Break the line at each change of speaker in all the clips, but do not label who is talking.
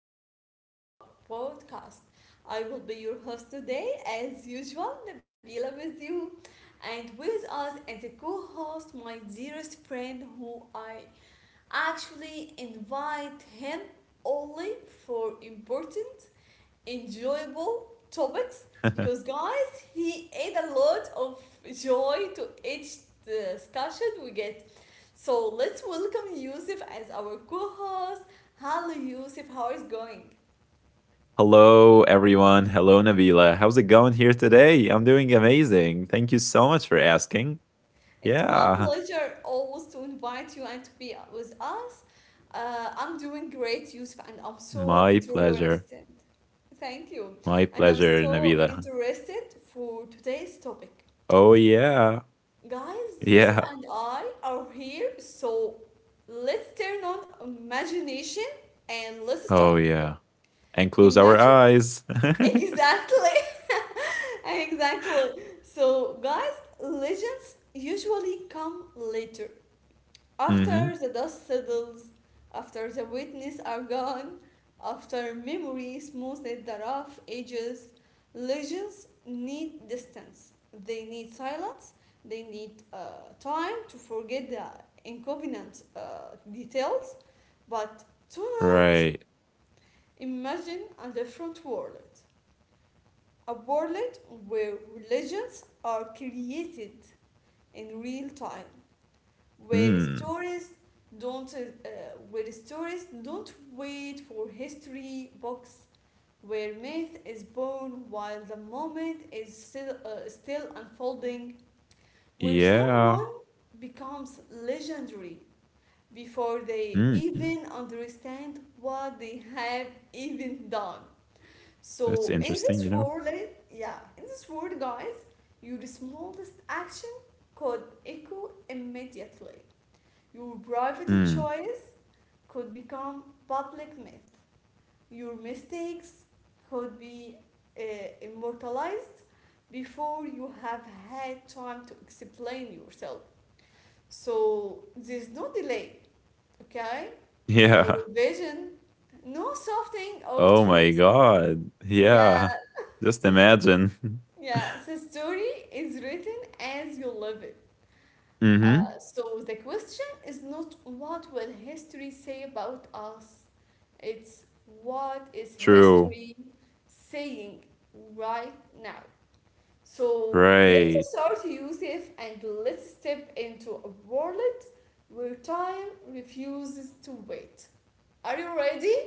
episode of our podcast. I will be your host today, as usual, Nabila with you, and with us as a co host, my dearest friend who I actually invite him only for important, enjoyable topics because, guys, he add a lot of joy to each discussion we get. So let's welcome Yusuf as our co-host. Hello Yusuf, how is going?
Hello, everyone. Hello, Nabila. How's it going here today? I'm doing amazing. Thank you so much for asking.
It's my
Yeah,
pleasure always to invite you and to be with us. I'm doing great, Yusuf, and I'm so
my pleasure.
interested. Thank you.
My
And I'm
pleasure,
so
Nabila.
interested for today's topic.
Oh, yeah.
Guys, Yusuf
Yeah.
and I are here, so let's turn on imagination and let's
Oh,
start.
yeah. And close our
Imagine.
eyes. Mm-hmm.
Exactly. Exactly. So, guys, legends usually come later. After the dust settles, after the witness are gone, after memory smooths the rough edges, legends need distance. They need silence. They need time to forget the inconvenient details. But tonight,
Right.
imagine a different world, a world where religions are created in real time, where
Mm.
stories don't uh, don't wait for history books, where myth is born while the moment is still unfolding, where
Yeah.
someone becomes legendary before they
Mm.
even understand what they have even done.
That's
So in
interesting, you
this
know?
world, eh, yeah, in this world, guys, your smallest action could echo immediately. Your private
Mm.
choice could become public myth. Your mistakes could be uh, immortalized before you have had time to explain yourself. So there's no delay, okay? No
Yeah.
revision, no softening of
Oh, my
truth.
God.
Yeah,
Yeah. Just imagine.
Yeah, the story is written as you live it.
Mm-hmm.
So the question is not what will history say about us, it's what is
True.
history saying right now. So let's
Right.
start, Yusuf, and let's step into a world where time refuses to wait. Are you ready?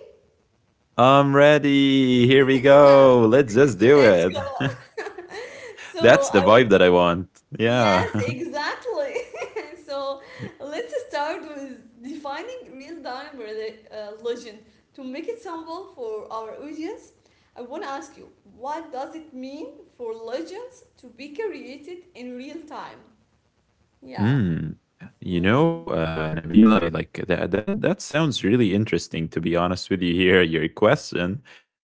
I'm ready. Here we
Yeah,
go. Let's just do
let's
it.
go. So
That's the
I,
vibe that I want. Yeah.
Yes, exactly. So let's start with defining legend. To make it simple for our audience, I want to ask you, what does it mean for legends to be created in real time? Yeah.
Mm. You know,
Mm.
Nabila, like that sounds really interesting. To be honest with you, here your question,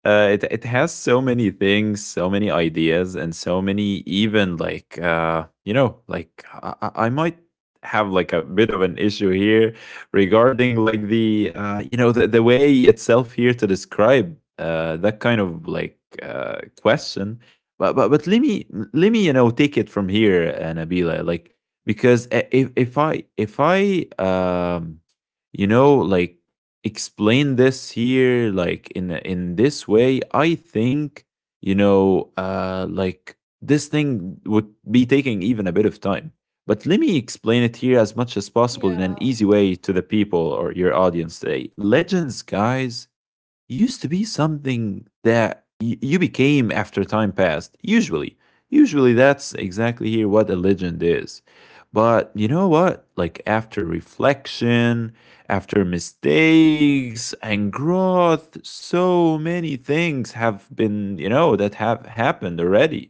it has so many things, so many ideas, and so many even like you know, like I might have like a bit of an issue here regarding like the you know the way itself here to describe that kind of like question. But let me, you know, take it from here, Nabila, like because if I, you know, like explain this here like in this way, I think, you know, like, this thing would be taking even a bit of time. But let me explain it here as much as possible in
Yeah.
an easy way to the people or your audience today. Legends, guys, used to be something that you became after time passed. Usually, that's exactly here what a legend is. But you know what? Like after reflection, after mistakes and growth, so many things have been, you know, that have happened already.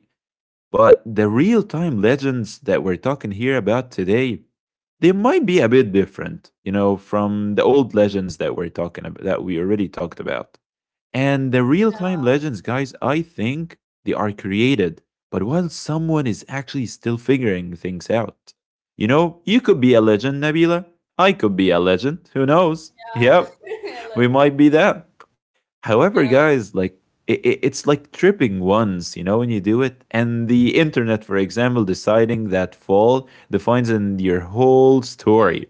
But the real time legends that we're talking here about today, they might be a bit different, you know, from the old legends that we're talking about, that we already talked about. And the real time
Yeah.
legends, guys, I think they are created, but while someone is actually still figuring things out. You know, you could be a legend, Nabila. I could be a legend. Who knows?
Yeah.
Yep,
Hello.
we might be that.
Yeah.
However, guys, like it's like tripping once, you know, when you do it, and the internet, for example, deciding that fall defines in your whole
Mm.
story.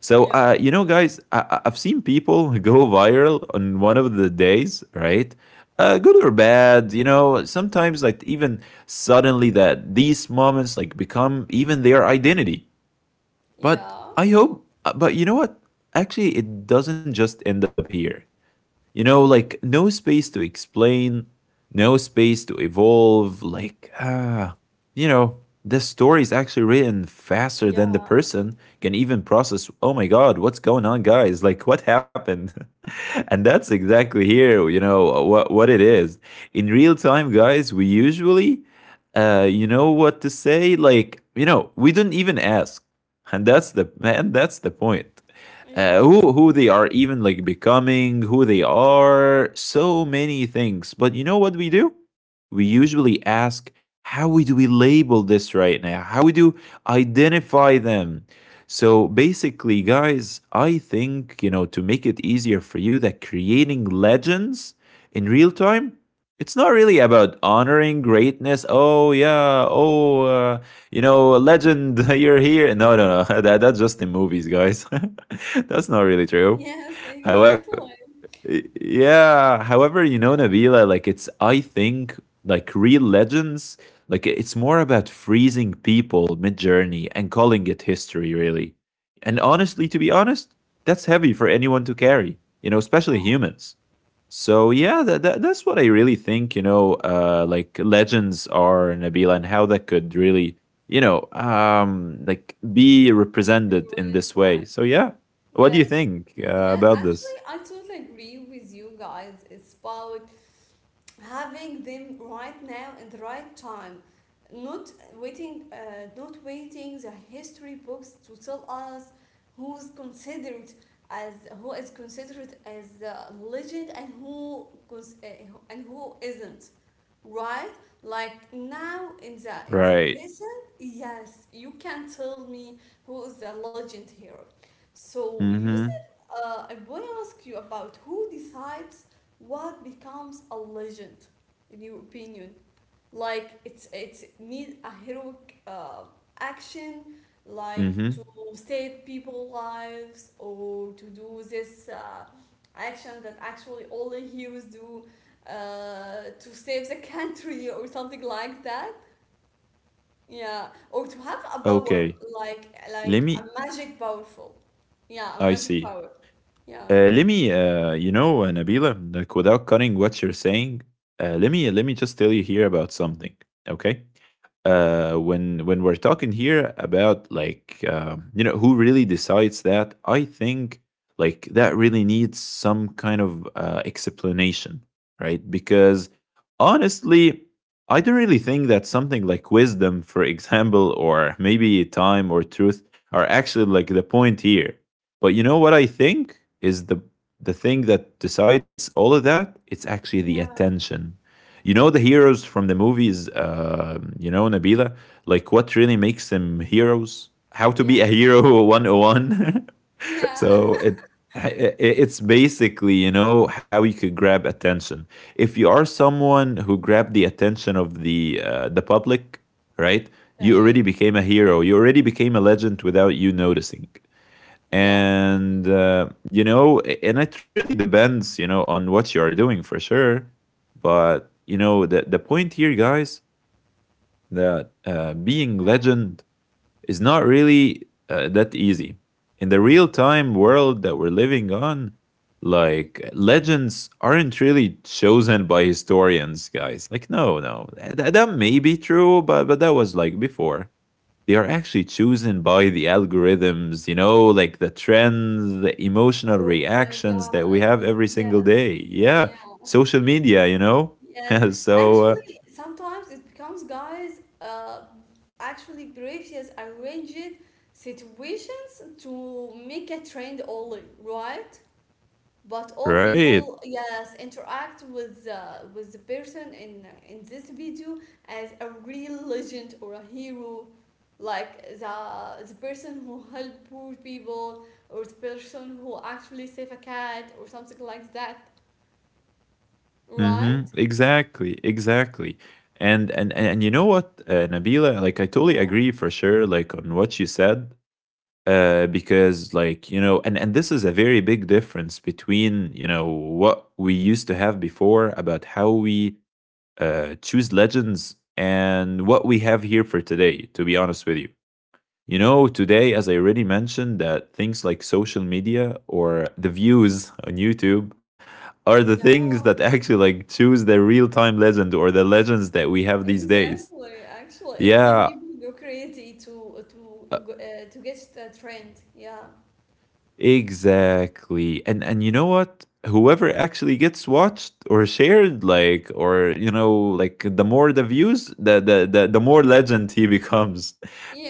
So,
Yeah.
you know, guys, I've seen people go viral on one of the days, right? Good or bad, you know, sometimes like even suddenly that these moments like become even their identity.
Yeah.
But I hope, but you know what? Actually, it doesn't just end up here. You know,
Mm.
like no space to explain, no space to evolve. Like, you know, the story is actually written faster than
Yeah.
the person can even process. Oh my God, what's going on, guys? Like, what happened? And that's exactly here, you know, what it is. In real time, guys, we usually, you know, what to say? Like, you know, we do not even ask. And that's the point,
Yes.
who they are even like becoming, who they are, so many things. But you know what we do? We usually ask, how we do we label this right now? How we do identify them? So basically, guys, I think, you know, to make it easier for you, that creating legends in real time, it's not really about honoring greatness. Oh yeah. Oh, you know, a legend, you're here. No, no, no. That's just in movies, guys. That's not really true.
Yes,
However,
exactly.
Yeah. However, you know, Nabila, like it's, I think, like real legends, like it's more about freezing people mid journey and calling it history, really. And
Mm.
honestly, to be honest, that's heavy for anyone to carry, you know, especially
Yeah.
humans. So, yeah, that's what I really think, you know,
Wow.
like legends are, Nabila, and how that could really, you know, like be represented in
Everyone is
this way.
tired.
So, yeah. What do you
Yes.
think
Yeah,
about this?
actually, I totally agree with you guys. It's about having them right now and the right time, not waiting, uh, not waiting the history books to tell us who's considered as who is considered as a legend and and who isn't, right? Like now in the
Right.
present, yes, you can tell me who is the legend here. So Yusuf,
Mm-hmm.
I want to ask you about who decides what becomes a legend, in your opinion, like it's need a heroic action, like
Mm-hmm.
to save people lives or to do this action that actually only heroes do to save the country or something like that, yeah, or to have a power
Okay.
like
Let
like a
me.
magic powerful, yeah, a
I
magic
see.
power. Yeah.
Let me. You know, Nabila. Like, without cutting what you're saying, let me. Let me just tell you here about something. Okay. When we're talking here about, like, you know, who really decides that, I think, like, that really needs some kind of explanation, right? Because honestly, I don't really think that something like wisdom, for example, or maybe time or truth are actually like the point here. But you know what I think is the thing that decides all of that? It's actually the
Yeah.
attention. You know the heroes from the movies, you know, Nabila, like what really makes them
Mm.
heroes? How to be a
Yes.
hero 101.
Yeah.
So it's basically, you know, how you could grab attention. If you are someone who grabbed the attention of the public, right? You already
Okay.
became a hero. You already became a legend without you noticing.
Yes.
And, you know, and it really depends, you know, on what you are doing, for sure. But, you know, the point here, guys, that, being
Yeah.
legend is not really that easy. In the real time world that we're living on,
Mm.
like legends aren't really chosen by historians, guys. Like, no, no, that may be true, but that was like before. They are actually chosen by the algorithms, you know, like the trends, the emotional
Oh my
reactions that we
God.
have every single
Yes.
day. Yeah,
Yes.
social media, you know.
Yes.
So,
Actually, sometimes it becomes, guys, actually previous arranged situations to make a trend only, right? But all
right.
people, yes, interact with with the person in this video as a real legend or a hero, like the person who help poor people or the person who actually save a cat or something like that,
Mhm.
right?
Exactly, exactly. And you know what, Nabila, like I totally
Yeah.
agree for sure, like on what you said, because, like, you know, and this is a very big difference between, you know, what we used to have before about how we choose legends and what we have here for today. To be honest with you, you know, today, as I already mentioned, that things like social media or the views on YouTube are the
Yeah.
things that actually like
people-
choose the real time legend or the legends that we have these days.
exactly, actually it
Yeah,
made people go crazy to get the trend. Yeah.
exactly. And you know what? Whoever actually gets watched or shared, like, or you know, like the more the views, the more legend he becomes.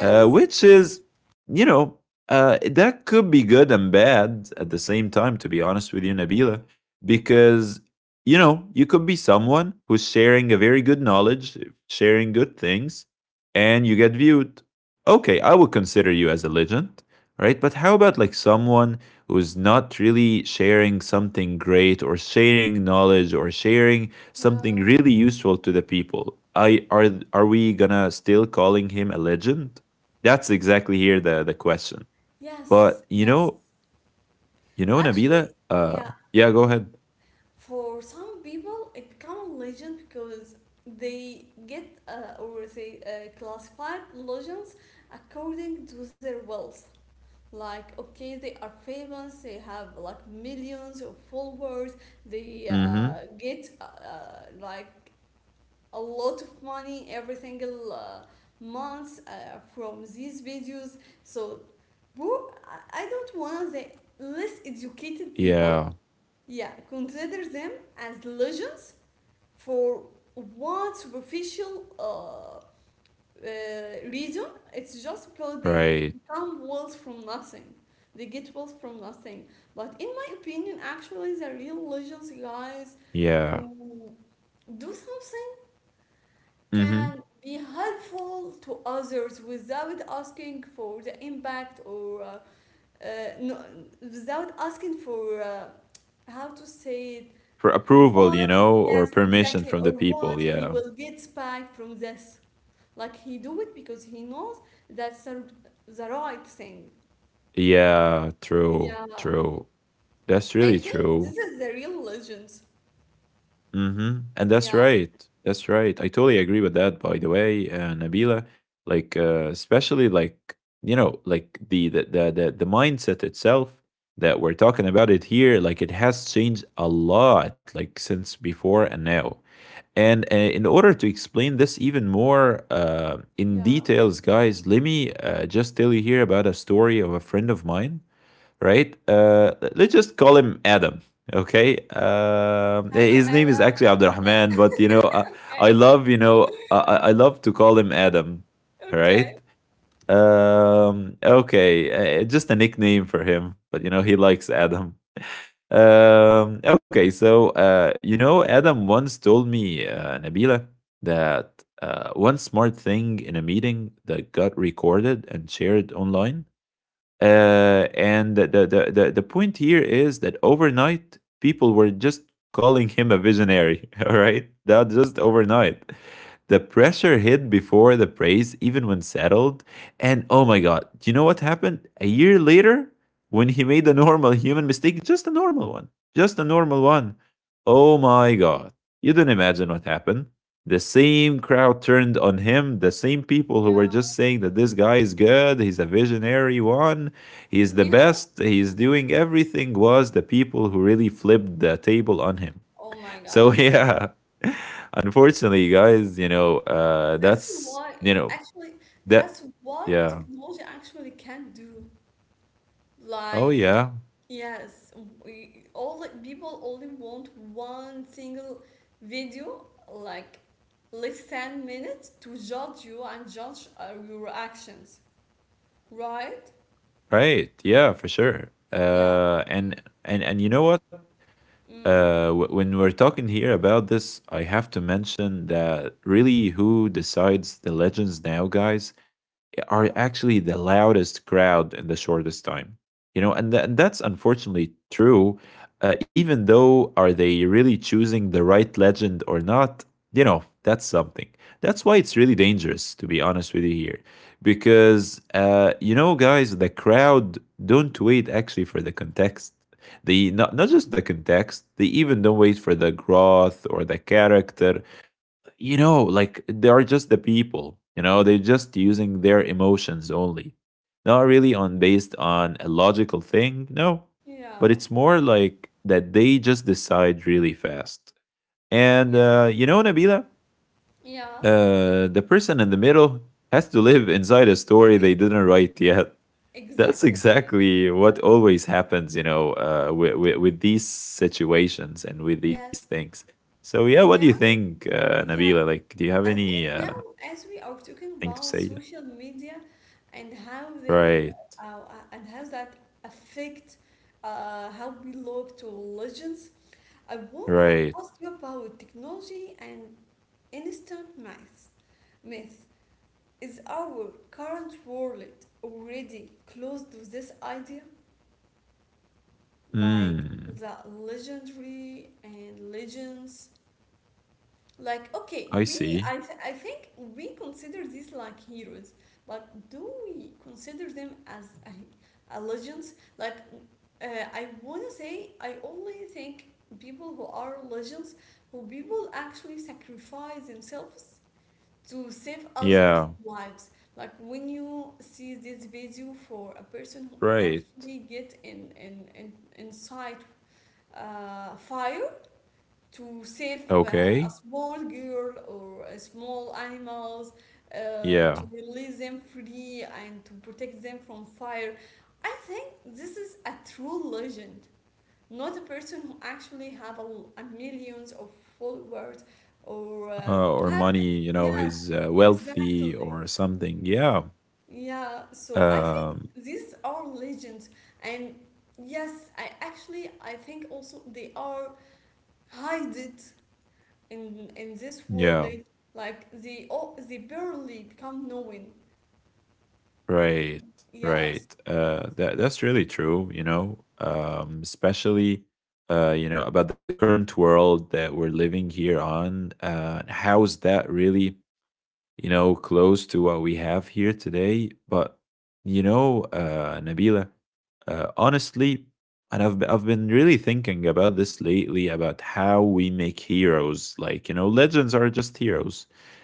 Which is, you know, that could be good and bad at the same time, to be honest with you, Nabila, because, you know, you could be someone who's sharing a very good knowledge, sharing good things, and you get viewed. Okay, I would consider you as a legend, right? But how about like someone who's not really sharing something great or sharing knowledge or sharing something
Yeah.
really useful to the people? I are we gonna still calling him a legend? That's exactly here the question. But
Yes.
you know,
Yes.
Nabila.
Actually, yeah,
Yeah, go ahead.
for some people it become a legend because they get or they classified legends according to their wealth. Like, okay, they are famous, they have like millions of followers, they
Mm-hmm.
get like a lot of money every single month from these videos. So, bro, I don't want the less educated people,
Yeah.
yeah, consider them as legends for one superficial reason. It's just because they
Right.
become wealth from nothing. They get wealth from nothing. But in my opinion, actually, the real legends, guys,
Yeah.
who do something
Mm-hmm.
can be helpful to others without asking for the impact or uh, no, without asking for how to say it
For approval,
what,
you know, or
yes
permission
exactly,
from
or
the
what
people.
he
Yeah.
will get back from this, like he do it because he knows that's the right thing.
Yeah. True.
Yeah,
True. That's really
I think
true.
this is the real legends.
Mm-hmm. And that's
Yeah.
right. That's right. I totally agree with that, by the way, Nabila. Like, especially, like, you know, like the mindset itself that we're talking about it here, like it has changed a lot, like since before and now. And in order to explain this even more in
Yeah.
details, guys, let me just tell you here about a story of a friend of mine, right? Let's just call him Adam. Okay. Um
Hello
his name is
ella.
actually
Yeah.
Abdurrahman, but you know, I, I
Okay.
love, you know, I love to call him Adam,
Okay.
right? Okay, just a nickname for him, but you know, he likes Adam. Okay, so you know, Adam once told me, Nabila, that one smart thing in a meeting that got recorded and shared online, and the point here is that overnight people were just calling him a visionary. All right, that just overnight. The pressure hit before the praise, even when settled. And oh my God, do you know what happened? A year later, when he made a normal human mistake, just a normal one, just a normal one. Oh my God, you don't imagine what happened. The same crowd turned on him, the same people who were just
Yeah.
saying that this guy is good, he's a visionary one. He's the
Yeah.
best. He's doing everything. Was the people who really flipped the table on him.
Oh my
So
God.
yeah, unfortunately, guys, you know,
That's
that's,
why,
you know,
actually,
that,
that's what
yeah.
technology actually can do.
Oh
Like,
yeah,
yes, we all like, people only want one single video, like less than minutes, to judge you and judge your actions, right?
right. Yeah, for sure.
Yeah.
And you know what?
Mm-hmm.
When we're talking here about this, I have to mention that really who decides the legends now, guys are
Yeah.
actually the loudest crowd in the shortest time and that's unfortunately true even though are they really choosing the right legend or not, you know, that's something. That's why it's really dangerous, to be honest with you here, because you know guys, the crowd don't wait actually for the context. They not just the context, they even don't wait for the growth or the character, you know, like they are just the people, you know, they're just using their emotions only. Not really on based on a logical thing, no. But
Yeah.
it's more like that they just decide really fast. And
Yes.
you know, Nabila,
Yeah.
the person in the middle has to live
Mm-hmm.
inside a story they didn't write yet. That's
Exactly.
exactly what always happens, you know, with these situations and with these
Yes.
things. So, yeah, what do
Now,
you think,
yeah,
Nabila? Like, do you
I
have
think
any
now, as we are talking
thing
about
to say? Yeah.
social media and how they
Right,
and how that affect how we look to legends, I wanna
right.
ask you about technology and instant math. Myth, is our current world already close to this idea, like
Hmm,
the legendary and legends? Like, okay,
I see.
I think we consider these like heroes, but do we consider them as a legends? Like, I wanna say, I only think people who are legends, who people actually sacrifice themselves to save others'
Yeah,
lives. Like, when you see this video for a person who
right.
actually get inside fire to save a
Okay.
small girl or a small animals to
Yeah.
release them free and to protect them from fire, I think this is a true legend, not a person who actually have a, millions of followers or
Or
have,
money, you know,
yes
he's wealthy
exactly.
or something. Yeah.
Yeah, so I think
Um,
these are legends, and yes I actually I think also they are hide in this world,
yeah.
like they oh they barely become knowing.
Right,
Yes.
right. That's really true. You know, especially you know about the current world that we're living here on. How's that really, you know, close to what we have here today? But you know, Nabila, honestly, and I've been really thinking about this lately about how we make heroes. Like, you know, legends are just heroes.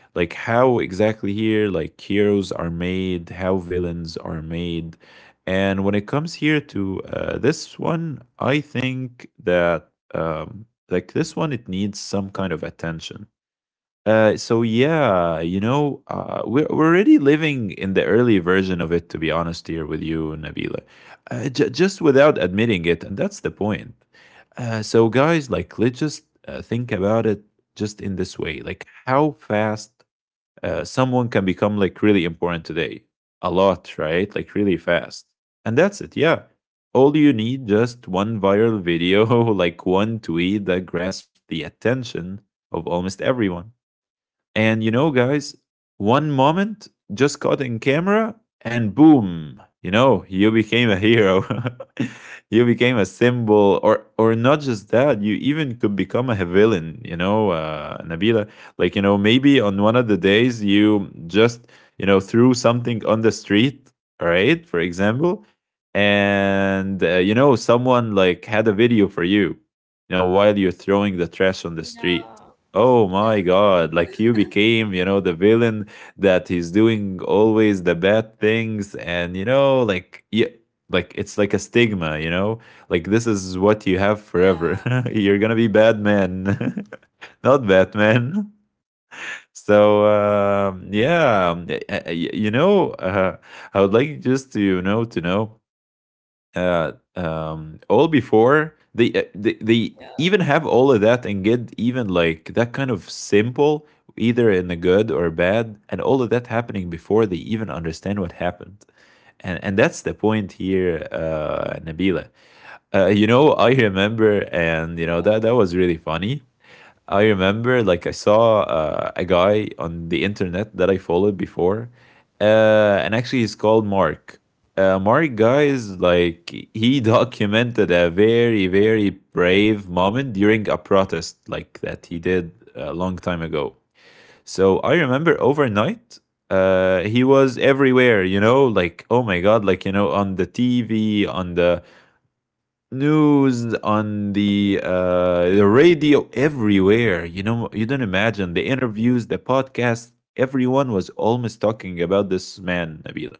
Like, how exactly here, like heroes are made, how villains are made, and when it comes here to this one, I think that like this one, it needs some kind of attention. So yeah, you know, we're already living in the early version of it. To be honest, here with you, Nabila, just without admitting it, and that's the point. So guys, like, let's just think about it just in this way, like how fast someone can become like really important today. A lot, right? Like really fast, and that's it. Yeah, all you need just one viral video, like one tweet that grasps the attention of almost everyone. And you know, guys, one moment just caught in camera and boom, you know, you became a hero. You became a symbol, or not just that, you even could become a villain, you know, Nabila. Like, you know, maybe on one of the days you just, you know, threw something on the street, right? For example, and you know, someone like had a video for you, you know, while you're throwing the trash on the street.
Yeah.
Oh
Yes.
my God, like you became, you know, the villain that he's doing always the bad things and you know, like yeah, like it's like a stigma, you know? Like, this is what you have
Yeah.
forever. You're going to be bad man, not Batman. So yeah, you know, I would like just to, you know, to know all before they, they
Yeah.
even have all of that and get even like that kind of simple, either in the good or bad, and all of that happening before they even understand what happened. And that's the point here, Nabila. Uh, you know, I remember, and you know
Yeah.
that that was really funny. I remember, like, I saw a guy on the internet that I followed before, and actually, he's called Mark. Mark, guys, like, he documented a very, very brave moment during a protest, like, that he did a long time ago. So I remember overnight, he was everywhere, you know, like, oh my God, like, you know, on the TV, on the news, on the radio, everywhere. You know, you don't imagine the interviews, the podcasts. Everyone was almost talking about this man, Nabila.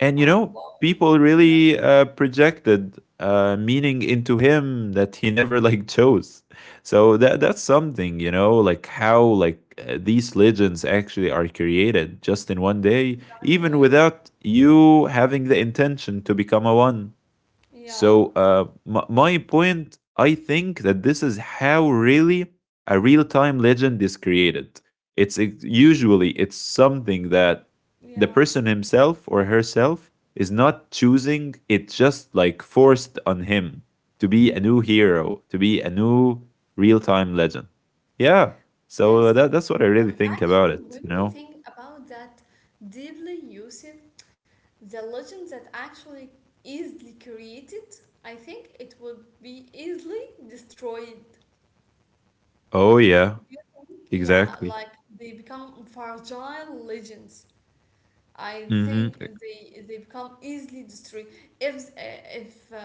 And you
Yeah.
know,
Wow.
people
Yeah.
really projected meaning into him that he never like chose. So that's something, you know, like how like these legends actually are created just in one day, even
Exactly.
without you having the intention to become a one.
Yeah.
So, my point, I think that this is how really a real-time legend is created. Usually it's something that the
Yes.
person himself or herself is not choosing. It's just like forced on him to be a new hero, to be a new real-time legend. Yeah. So
Yes,
that that's what I
but
really think about
actually when
it. You
we
know.
think about that deeply Yusuf, the legend that actually easily created, I think it would be easily destroyed.
Oh
Do
yeah.
you think? Yeah,
Exactly.
like they become fragile legends. I think
Mm-hmm.
they become easily destroyed if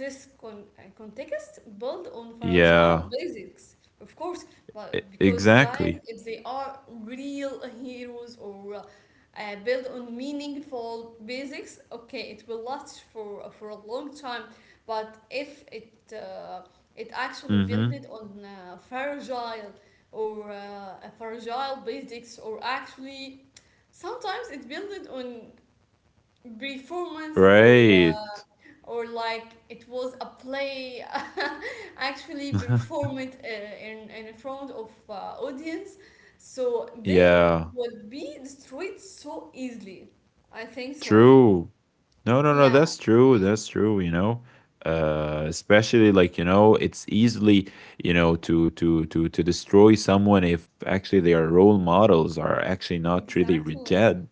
this context build on
Yeah.
fragile basics, of course. But because guys,
Exactly.
if they are real heroes or build on meaningful basics, okay, it will last for a long time. But if it it actually
Mm-hmm.
build it on fragile or fragile basics, or actually, sometimes it built on performance
Right.
uh, or like it was a play actually performed in front of audience, so they
Yeah,
would be destroyed so easily. I think so.
true. No, no, no,
Yeah,
that's true. That's true, you know. Especially like, you know, it's easily, you know, to destroy someone if actually their role models are actually not really
exactly.
rigid.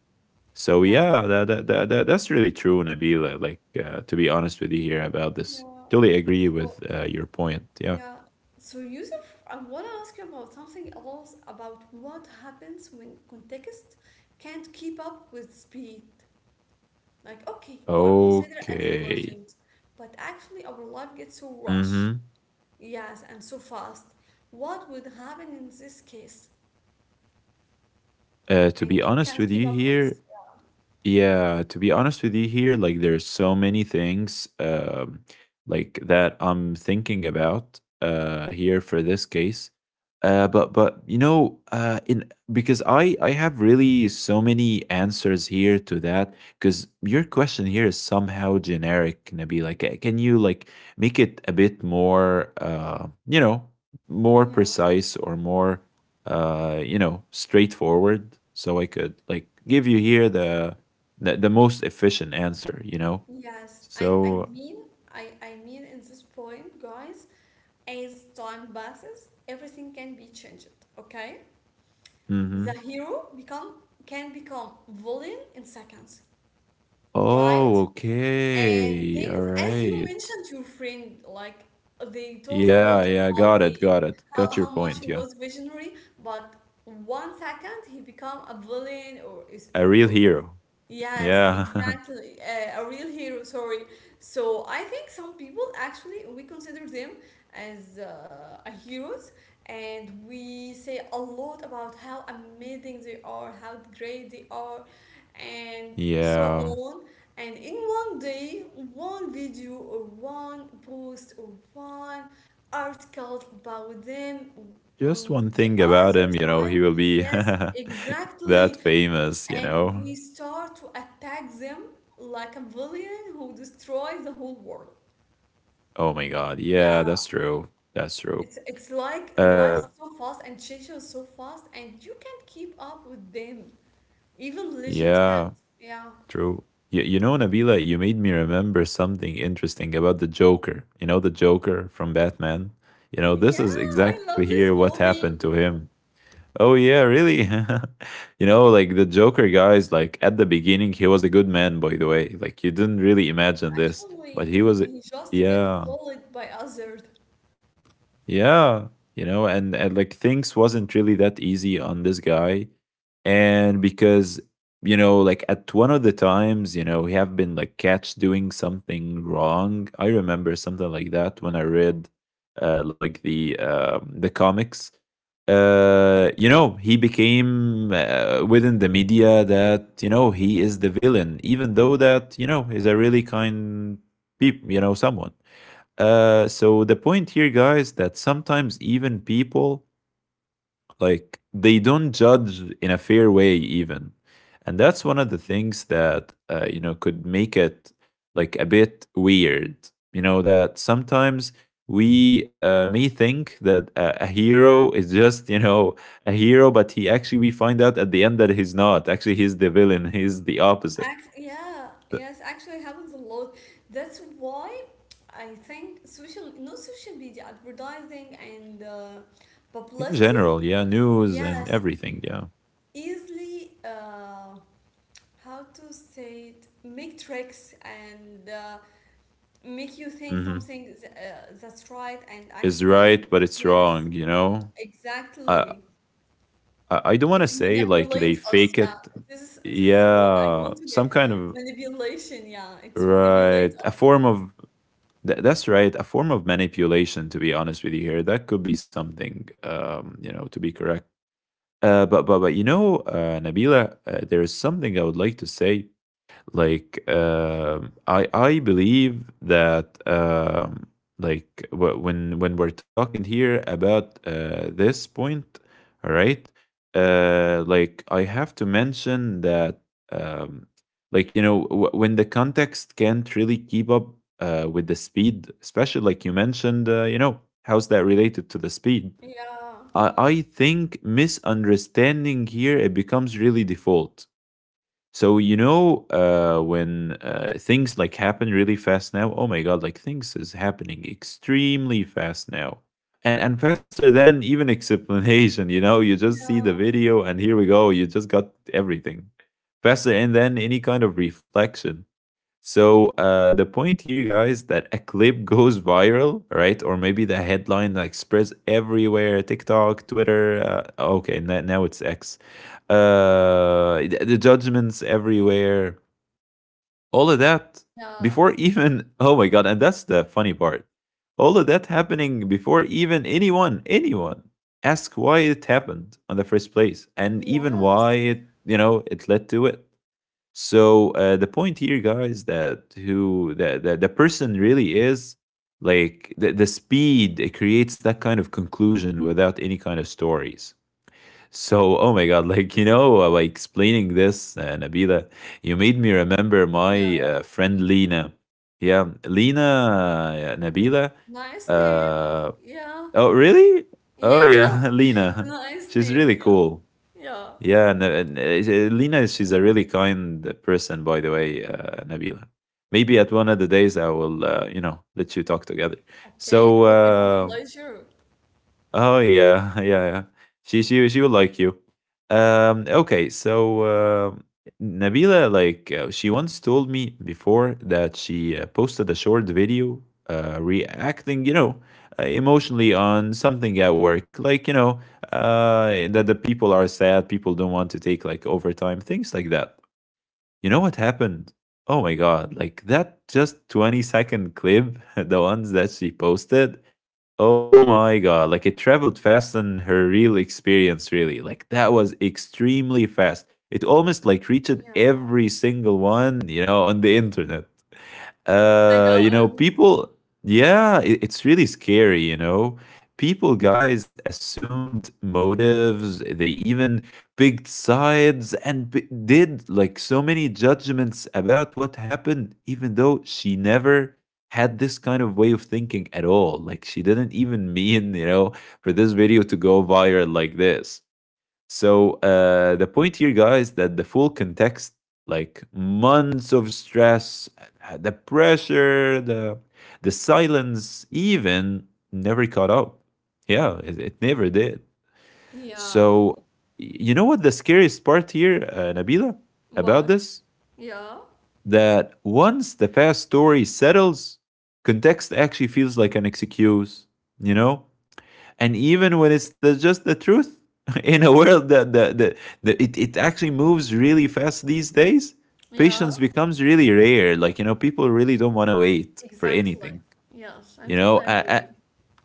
So
Yeah,
yeah, that's really true, Nabila. Like to be honest with you here about this.
yeah.
Totally agree with
So
your point. Yeah.
yeah. So Yusuf, I want to ask you about something else, about what happens when context can't keep up with speed. Like, okay, you are considered as a
Okay.
legend, but actually our life gets so rushed,
Mm-hmm.
yes, and so fast. What would happen in this case?
To be
And you
honest
can't
with
keep
you
up with.
here, yeah, to be honest with you here, like there's so many things like that I'm thinking about here for this case. But you know, in because I have really so many answers here to that because your question here is somehow generic, Nabi. Like can you like make it a bit more you know, more
Yeah.
precise or more you know, straightforward so I could like give you here the the most efficient answer, you know?
Yes,
So,
I mean, in this point, guys, as time passes, everything can be changed, okay? The
hmm,
hero become, can become villain in seconds, right?
oh,
And
okay.
things,
All
as you
right.
mentioned, your friend, like they told a lot
Yeah, yeah,
about
got it,
the
got it. Got your
how much
point.
he
Yeah.
was visionary, but one second he become a villain or is,
A real
or,
hero.
yes,
Yeah.
exactly, a real hero. Sorry. So I think some people actually we consider them as a heroes, and we say a lot about how amazing they are, how great they are, and so
Yeah.
on, and in one day one video or one post or one article about them
Just
on
one
the
thing about
other
him, you know,
side,
he will be
yes
that
exactly,
famous, you
and
know?
we start to attack them like a villain who destroys the whole world.
Oh my God. Yeah,
Yeah,
that's true. That's true.
it's like
Uh,
life's so fast and changes so fast, and you can't keep up with them. Even legends can't.
yeah.
Yeah.
True. You know, Nabila, you made me remember something interesting about the Joker. You know, the Joker from Batman? You know,
Yeah,
this is
I
exactly
love
here
this
what happened to
movie.
him. Oh, yeah, really? You know, like the Joker guys, like at the beginning, he was a good man, by the way. Like, you didn't really imagine this, but
Actually,
he was,
he just get
yeah.
bullied by others.
Yeah, you know, and like things wasn't really that easy on this guy. And because, you know, like at one of the times, you know, he have been like catch doing something wrong. I remember something like that when I read like the comics. Uh, you know, he became within the media that, you know, he is the villain, even though that, you know, he's a really kind people, you know, someone. So the point here, guys, that sometimes even people like they don't judge in a fair way, even, and that's one of the things that you know could make it like a bit weird. You know that sometimes we
Yeah.
may think that a hero is just you know a hero, but he actually we find out at the end that he's not. Actually, he's the villain. He's the opposite.
Yeah,
The-
yes, actually happens a lot. That's why I think social, no, social media advertising and
In
publicity.
general, yeah, news
Yes,
and everything, yeah,
easily how to say it make tricks and make you think
hmm
something is, that's right and
is
actually
right, but it's
yes
wrong. You know, I
exactly
I don't want to
it
say like
manipulate
they
us,
fake
yeah.
it.
This is a word I
Yeah,
want to
some
get.
kind of
Manipulation, yeah, it
right,
manipulates
a form
us.
of that's right, a form of manipulation. To be honest with you, here that could be something. You know, to be correct. But you know, Nabila, there is something I would like to say like I believe that like when we're talking here about this point, all right, like I have to mention that um, like you know when the context can't really keep up with the speed, especially like you mentioned, you know, how's that related to the speed?
Yeah.
I think misunderstanding here it becomes really default. So you know when things like happen really fast now. Oh my God! Like things is happening extremely fast now, and faster than even explanation. You know, you just see the
Yeah.
video and here we go. You just got everything faster, and then any kind of reflection. So the point here, guys, that a clip goes viral, right? Or maybe the headline like spreads everywhere, TikTok, Twitter. Okay, now it's X. The judgments everywhere, all of that
Yeah.
before even. Oh my God! And that's the funny part. All of that happening before even anyone, anyone ask why it happened in the first place, and even why
Yes.
it, you know, it led to it. So the point here, guys, that who the, the person really is like the speed it creates that kind of conclusion without any kind of stories. So oh my God, like you know, by explaining this, Nabila, you made me remember my
Yeah.
friend Lena. Yeah, Lena, Nabila.
Nice name.
Uh,
Yeah.
oh really? Oh
Yeah,
yeah,
so it's
Lena.
a nice
She's really
name. Yeah.
cool.
Yeah.
Yeah, no, and, Lena, she's a really kind person, by the way, Nabila. Maybe at one of the days I will, let you talk together.
Okay,
So,
it will be my
uh,
pleasure.
Oh yeah, yeah, yeah. She will like you. Okay. So Nabila, like, she once told me before that she posted a short video, reacting, emotionally on something at work, like that the people are sad, people don't want to take like overtime, things like that. You know what happened? Oh my god! Like that, just 20-second clip, the ones that she posted. Oh my god, like it traveled faster than her real experience, really. Like that was extremely fast. It almost like reached
Yeah.
every single one, on the internet,
Oh my God.
people, yeah, it's really scary. People, guys, assumed motives. They even picked sides and did like so many judgments about what happened, even though she never had this kind of way of thinking at all. Like, she didn't even mean, for this video to go viral like this. So the point here, guys, that the full context, like months of stress, the pressure, the silence, even never caught up. Yeah, it never did.
Yeah.
So you know what the scariest part here, Nabila, about
What?
this?
Yeah.
That once the past story settles, context actually feels like an excuse. You know, and even when it's just the truth in a world that it actually moves really fast these days.
Yeah.
Patience becomes really rare, like people really don't want to wait for
Exactly.
anything.
Yes, I
You know,
totally agree.
I,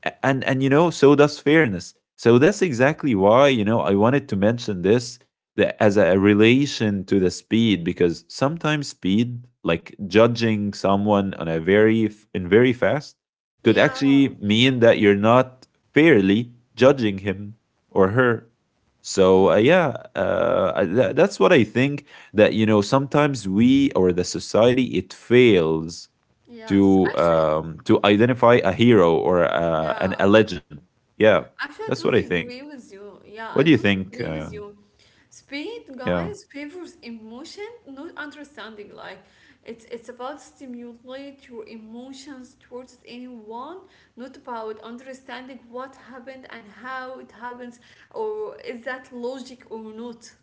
a- and so does fairness, so that's exactly why I wanted to mention this, as a relation to the speed, because sometimes speed, like judging someone on in very fast, could actually
Yeah.
mean that you're not fairly judging him or her. So
Mm,
yeah, that's what I think, that sometimes we or the society, it fails
yes. Actually,
to identify a hero or an a
yeah.
legend. Yeah,
Actually, I
that's what I
totally
think.
agree with you.
What
Yeah,
do you
I totally
think?
agree with you. Speed,
Yeah,
guys, favors emotion, not understanding. Like, it's about stimulate your emotions towards anyone, not about understanding what happened and how it happens, or is that logic or not.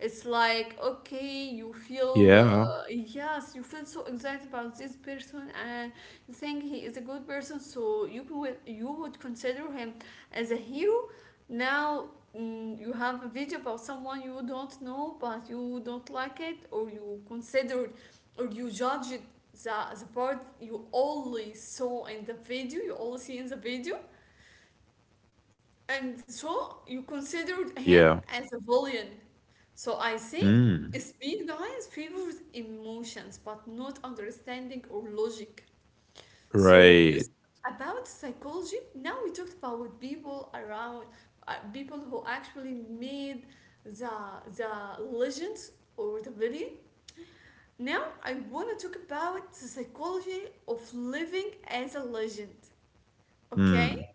It's like, okay, you feel,
yeah,
yes, you feel so excited about this person, and you think he is a good person, so you would consider him as a hero. Now, you have a video about someone you don't know, but you don't like it, or you considered, or you judge it, the, the part you only saw in the video, you only see in the video, and so you considered him
yeah.
as a villain. So I think
Mm,
speed, guys, favors emotions, but not understanding or logic. So you
right.
s- about psychology. Now we talked about people around, people who actually made the the legends or the villain. Now I want to talk about the psychology of living as a legend.
Mm,
Okay.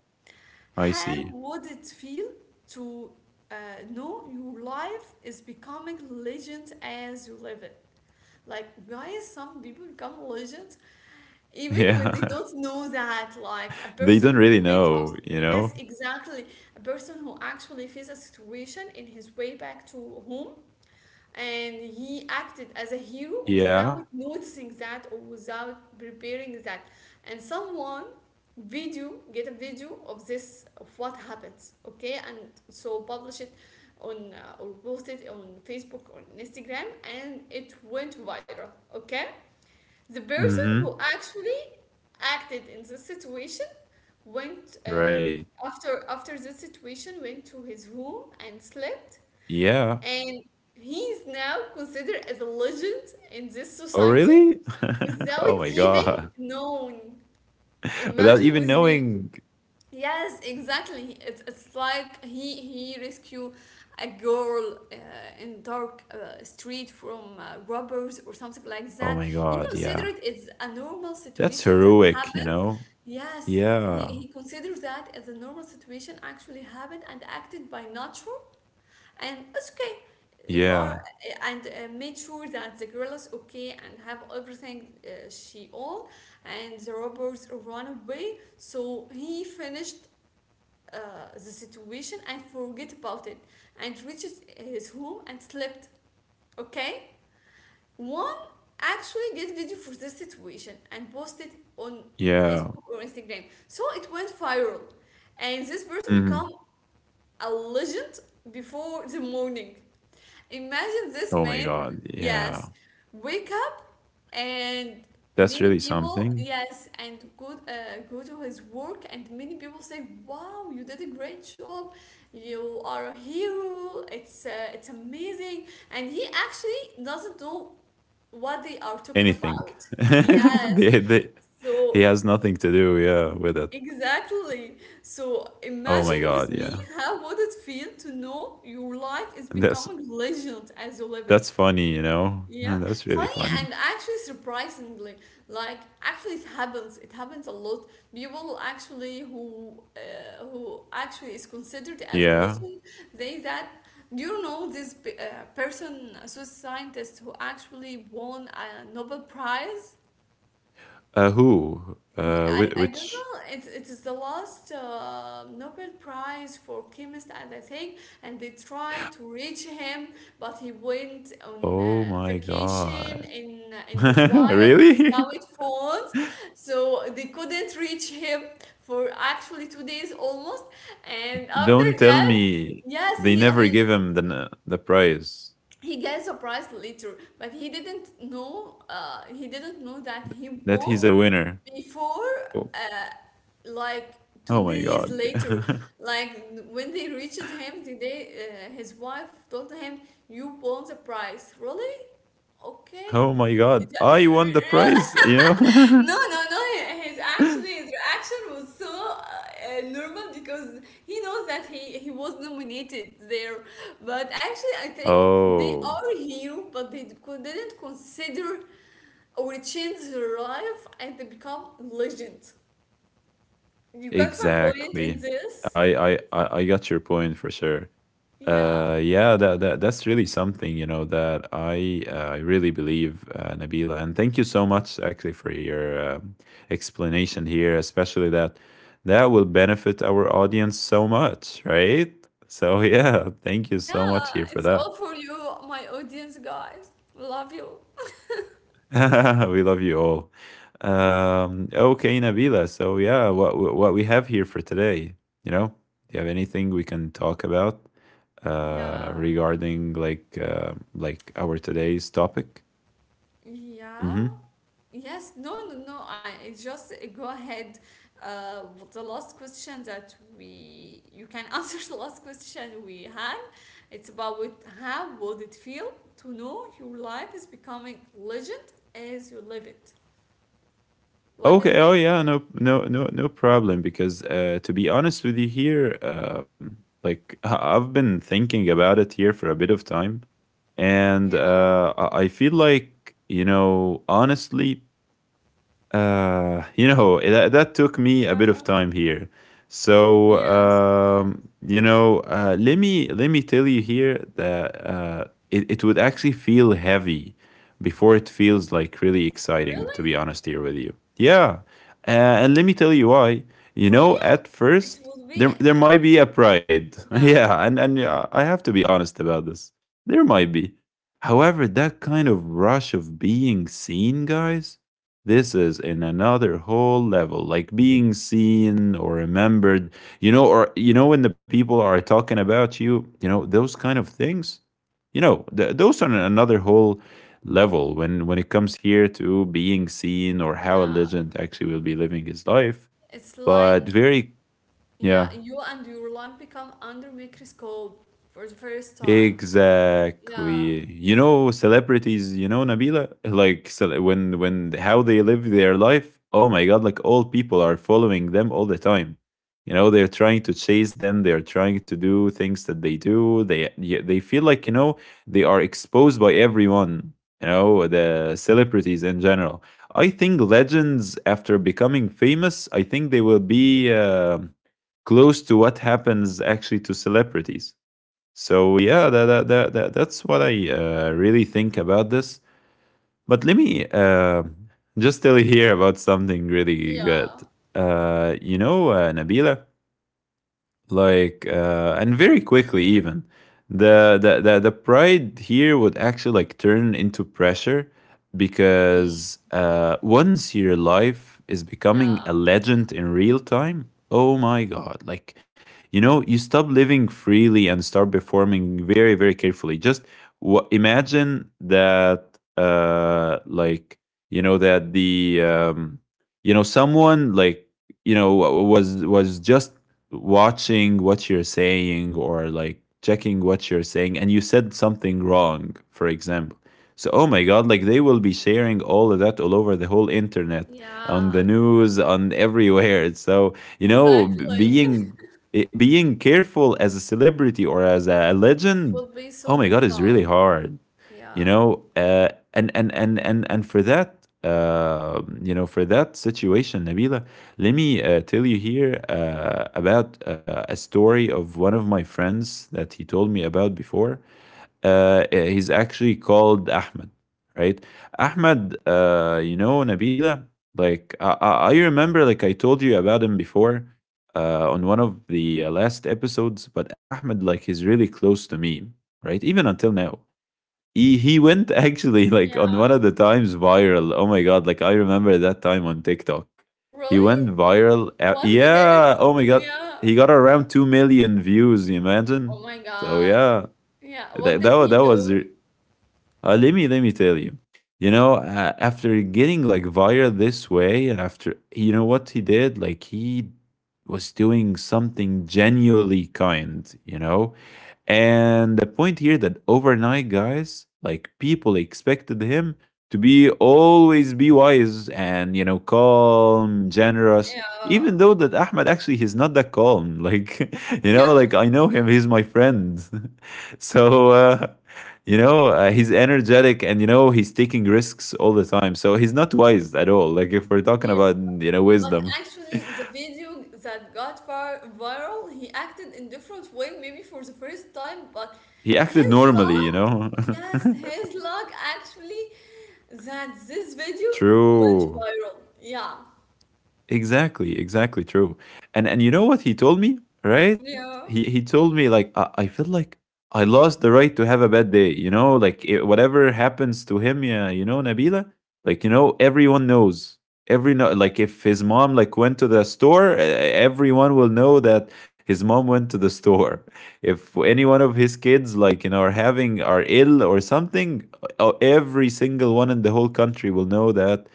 I
How
see.
would it feel to uh, know your life is becoming legend as you live it? Like, guys, some people become legends even when
Yeah,
they don't know that. Like, a
they
person
don't
who
really
made up,
know, you
yes,
know.
exactly, a person who actually faced a situation in his way back to home, and he acted as a hero
Yeah.
without noticing that or without preparing that, and someone video get a video of this of what happens, okay, and so publish it on or post it on Facebook or Instagram, and it went viral. Okay, the person
Mm-hmm.
who actually acted in this situation went
Right.
after this situation went to his room and slept,
Yeah.
and he is now considered as a legend in this
Oh,
society
really?
without
Oh my
even
god.
known.
Without
Imagine
even
with me.
knowing.
Yes, exactly. It's like he rescue a girl in dark street from robbers or something like
Oh
that.
my
He
god. Yeah.
considered it's a normal
That's
situation that
heroic, you
happened.
know.
Yes,
Yeah.
he considered that as a normal situation, actually happened, and acted by nature, and it's okay, you are,
Yeah.
and made sure that the girl is okay and have everything she own, and the robbers run away, so he finished uh, the situation and forget about it and reaches his home and slept. Okay, one actually get video for this situation and posted on
Yeah.
Facebook or Instagram, so it went viral, and this person
Mhm.
become a legend before the morning. Imagine this
Oh my
man,
god,
yes,
yeah.
wake up, and
That's
many
really
people,
something.
yes, and go go to his work, and many people say, "Wow, you did a great job. You are a hero. It's amazing." And he actually doesn't know what they are talking
Anything.
about. Yes.
The he
So
has nothing to do, yeah, with it.
exactly. So
Oh
imagine
my
with
god,
me
yeah.
how would it feel to know your life is
And That's
becoming legend as you live it.
that's funny, you know?
Yeah,
That's really
funny,
funny.
and actually surprisingly, like actually it happens. It happens a lot. People actually who actually is considered as a
Yeah.
legend, they that, do you know this person, a Swiss scientist who actually won a Nobel Prize?
Who?
Yeah, I don't
Which.
know. It is the last Nobel Prize for chemist, and I think, and they tried to reach him, but he went on
Oh my
vacation
god.
in the wild
Really?
without phones, so they couldn't reach him for actually 2 days almost. And after
Don't tell
that,
me
yes,
they never give him the prize.
he gets a prize later, but he didn't know that he
That
won
he's a winner.
before
Oh.
uh, like two
Oh my
days
god,
later,
yeah.
like when they reached him, the day his wife told him, "You won the prize, really." Okay,
Oh my god, I
yeah,
won the prize, you know?
no, no, no. he- His actually his reaction was so normal, because he knows that he was nominated there. But actually, I think they
Oh,
are hero, but didn't consider or change their life, and they become legend. You got my point in
exactly.
this?
I got your point for sure.
Yeah,
Yeah, that's really something, that I really believe, Nabila, and thank you so much actually for your explanation here, especially that will benefit our audience so much, right? So yeah, thank you
yeah.
so much here for
It's
that.
all for you, my audience guys. Love you.
We love you all. Okay, Nabila. So yeah, what we have here for today, you know, do you have anything we can talk about,
Yeah,
regarding like our today's topic?
yeah.
Hmm.
Yes, no, no, no. I just go ahead. With the last question that we you can answer, the last question we had. It's about with how would it feel to know your life is becoming legend as you live it. What do you
Okay. Oh
think?
yeah. No. No. No. No problem. Because to be honest with you here, like I've been thinking about it here for a bit of time, and
Yeah,
I feel like, honestly, that, that took me a
yeah,
bit of time here. So,
yes.
let me tell you here that it would actually feel heavy before it feels like really exciting,
Really?
to be honest here with you. Yeah. And let me tell you why. You
For me,
know,
I-
at
it
first,
would be,
there might be a pride.
yeah,
Yeah. And yeah, I have to be honest about this. There might be. However, that kind of rush of being seen, guys, this is in another whole level, like being seen or remembered, or when the people are talking about you, those kind of things, those are another whole level when it comes here to being seen or how a
yeah.
legend actually will be living his life.
It's like,
But very, yeah,
yeah, you and your life become under microscope for the first time. Yeah,
exactly. You know, celebrities, Nabila, like when how they live their life, oh my God, like all people are following them all the time. You know, they're trying to chase them, they're trying to do things that they do. They yeah, they feel like, they are exposed by everyone, the celebrities in general. I think legends after becoming famous, I think they will be close to what happens actually to celebrities. So yeah, that's what I really think about this. But let me just tell you here about something really good.
yeah,
Nabila, like and very quickly, even the pride here would actually like turn into pressure, because once your life is becoming
yeah,
a legend in real time, oh my god, like you stop living freely and start performing very very carefully. Just imagine that like, that the someone, like, you know was just watching what you're saying or like checking what you're saying, and you said something wrong, for example. So, oh my God, like they will be sharing all of that all over the whole internet, on the
yeah,
news, on everywhere. So,
exactly.
being i- being careful as a celebrity or as a
It
legend,
would be
oh
so
my God, is really
difficult.
hard. you
Yeah,
know uh, and for that, for that situation, Nabila, let me tell you here about a story of one of my friends that he told me about before. He's actually called Ahmed, right? Ahmed, Nabila, like I remember, like I told you about him before, on one of the last episodes, but Ahmed like, he's really close to me, right, even until now. He went actually like on one
yeah.
of the times viral. Oh my god! Like I remember that time on TikTok. He went
Really?
viral.
What he
Yeah.
did?
Oh my god.
Yeah.
He got around 2 million views. You
Oh
imagine?
my
So
God.
yeah,
Yeah,
that
what
that
did
was, that
he
was.
do?
Let me tell you. You know, after getting like viral this way, and after you know what he did, like, he was doing something genuinely kind. You know, and the point here that overnight, guys, like people expected him to be always be wise and calm, generous. Even
Yeah,
though that Ahmed actually, he's not that calm. Like, you know,
yeah,
like I know him, he's my friend. So he's energetic, and he's taking risks all the time. So he's not wise at all. Like, if we're talking
yeah.
about
But
wisdom,
actually, the video that got far viral, he acted in different way, maybe for the first time. But
he acted
his
normally. You
luck,
know,
yes, his luck actually, that this video went
true.
viral. Yeah,
Exactly, exactly true. And you know what he told me, right?
yeah,
He told me, like, I feel like I lost the right to have a bad day, like, whatever happens to him, yeah, Nabila, like, everyone knows. Every No, like, if his mom like went to the store, everyone will know that his mom went to the store. If any one of his kids, like, are ill or something, every single one in the whole country will know that,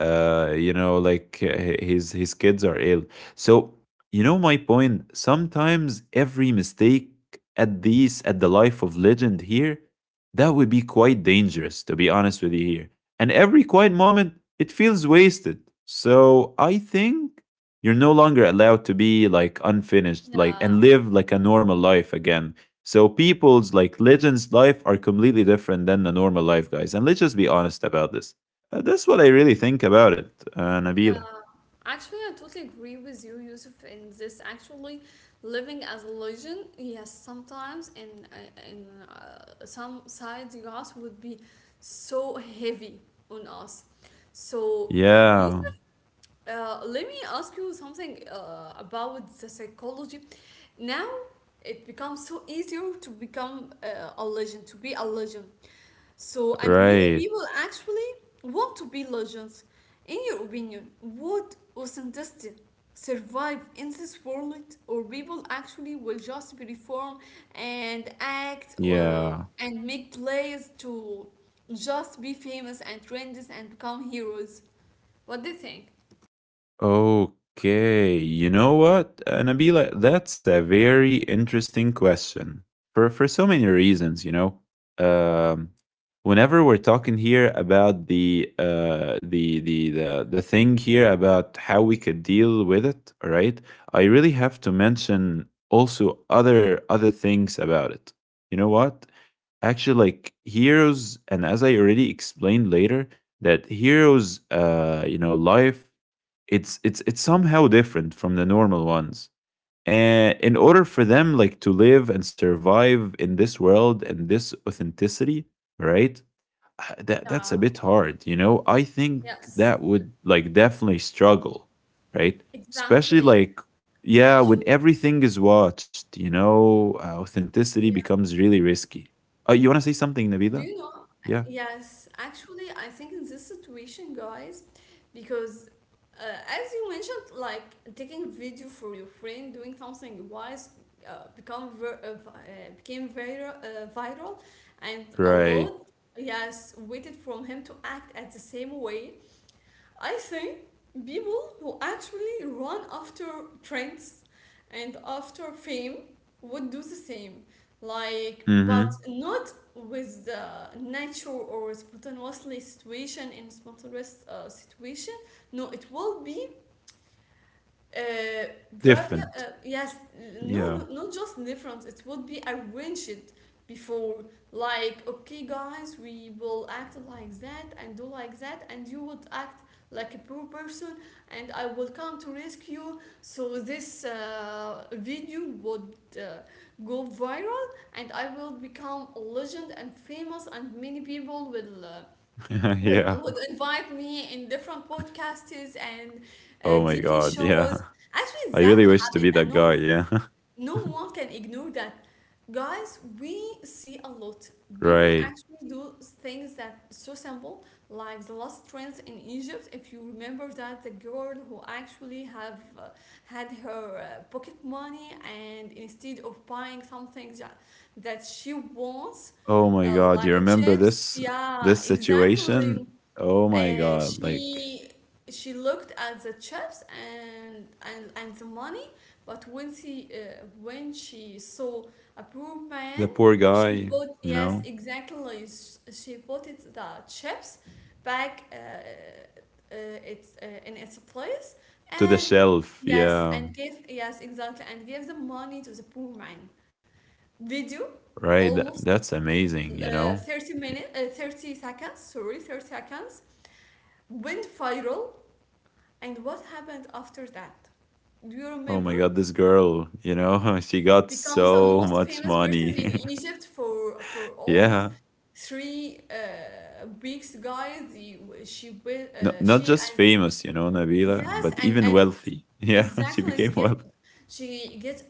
like, his kids are ill. So my point, sometimes every mistake at the life of legend here, that would be quite dangerous, to be honest with you here, and every quiet moment, it feels wasted. So I think, you're no longer allowed to be like unfinished, like,
yeah.
and live like a normal life again. So people's, like, legends life are completely different than the normal life, guys, and let's just be honest about this. That's what I really think about it,
Yeah,
Nabila.
actually, I totally agree with you, Yusuf, in this. Actually, living as a legend, yes, sometimes in some sides, yes, would be so heavy on us. So,
Yeah,
Yusuf, let me ask you something about the psychology. Now, it becomes so easier to become a legend, to be a legend. So, and many
right.
people actually want to be legends. In your opinion, would authenticity survive in this world, or people actually will just be reform and act
Yeah.
and make plays to just be famous and trendy and become heroes? What do you think?
Okay, you know what, Nabila? That's a very interesting question for so many reasons. You know, um, whenever we're talking here about the thing here about how we could deal with it, all right? I really have to mention also other things about it. You know what? Actually, like heroes, and as I already explained later, that heroes, life it's somehow different from the normal ones, and in order for them like to live and survive in this world and this authenticity, right? That's
Yeah,
a bit hard, I think
yes,
that would like definitely struggle, right? Especially
exactly.
like, yeah, when
Actually,
everything is watched,
yeah.
authenticity becomes really risky. You want to say
Do
something,
you know?
Nabila? Yeah,
Yes, actually, I think in this situation, guys, because uh, as you mentioned, like taking a video for your friend doing something wise became viral, and a
right.
lot, yes, waited from him to act at the same way. I think people who actually run after trends and after fame would do the same. Like,
Mm-hmm.
but not with the nature or spontaneously situation, in spontaneous situation. No, it will be uh, bravia
Different.
yes,
Yeah.
no, not just difference. It would be arranged before, like, okay, guys, we will act like that and do like that, and you would act like a poor person, and I will come to rescue, so this video would go viral, and I will become a legend and famous, and many people will would
Yeah.
invite me in different podcasts and
Oh my
TV
god, yeah.
shows.
I
Actually, that
really wish to
happened,
be
and
that guy,
no,
yeah.
no one can ignore that. Guys, we see a lot. People
Right.
actually do things that so simple, like the last trends in Egypt. If you remember that, the girl who actually have had her pocket money, and instead of buying something that she wants,
Oh my god, you
like a
remember
chips.
this
Yeah,
this
exactly.
situation? Oh my
Uh,
god, like
she she looked at the chips and and the money, but when she saw a poor
the
man,
poor
she
guy,
bought,
you
yes
know,
exactly, she bought it, the chips back uh, it's in its place,
to the
and
shelf,
yes,
yeah.
and gave, yes exactly, and gave the money to the poor man. Video
Right, that,
almost
that's amazing,
uh,
you know.
30
Yeah.
minutes uh, 30 seconds, sorry, 30 seconds, went viral. And what happened after that? Do you
Oh my
remember?
god, this girl, you know, she got
Becomes the
so
most
much
famous person
money.
in Egypt for almost
Yeah.
three weeks, guys. She will,
No, not
she
just
and
famous, you know, Nabila,
yes,
but even
and
wealthy. Yeah, she
exactly,
became wealthy.
she gets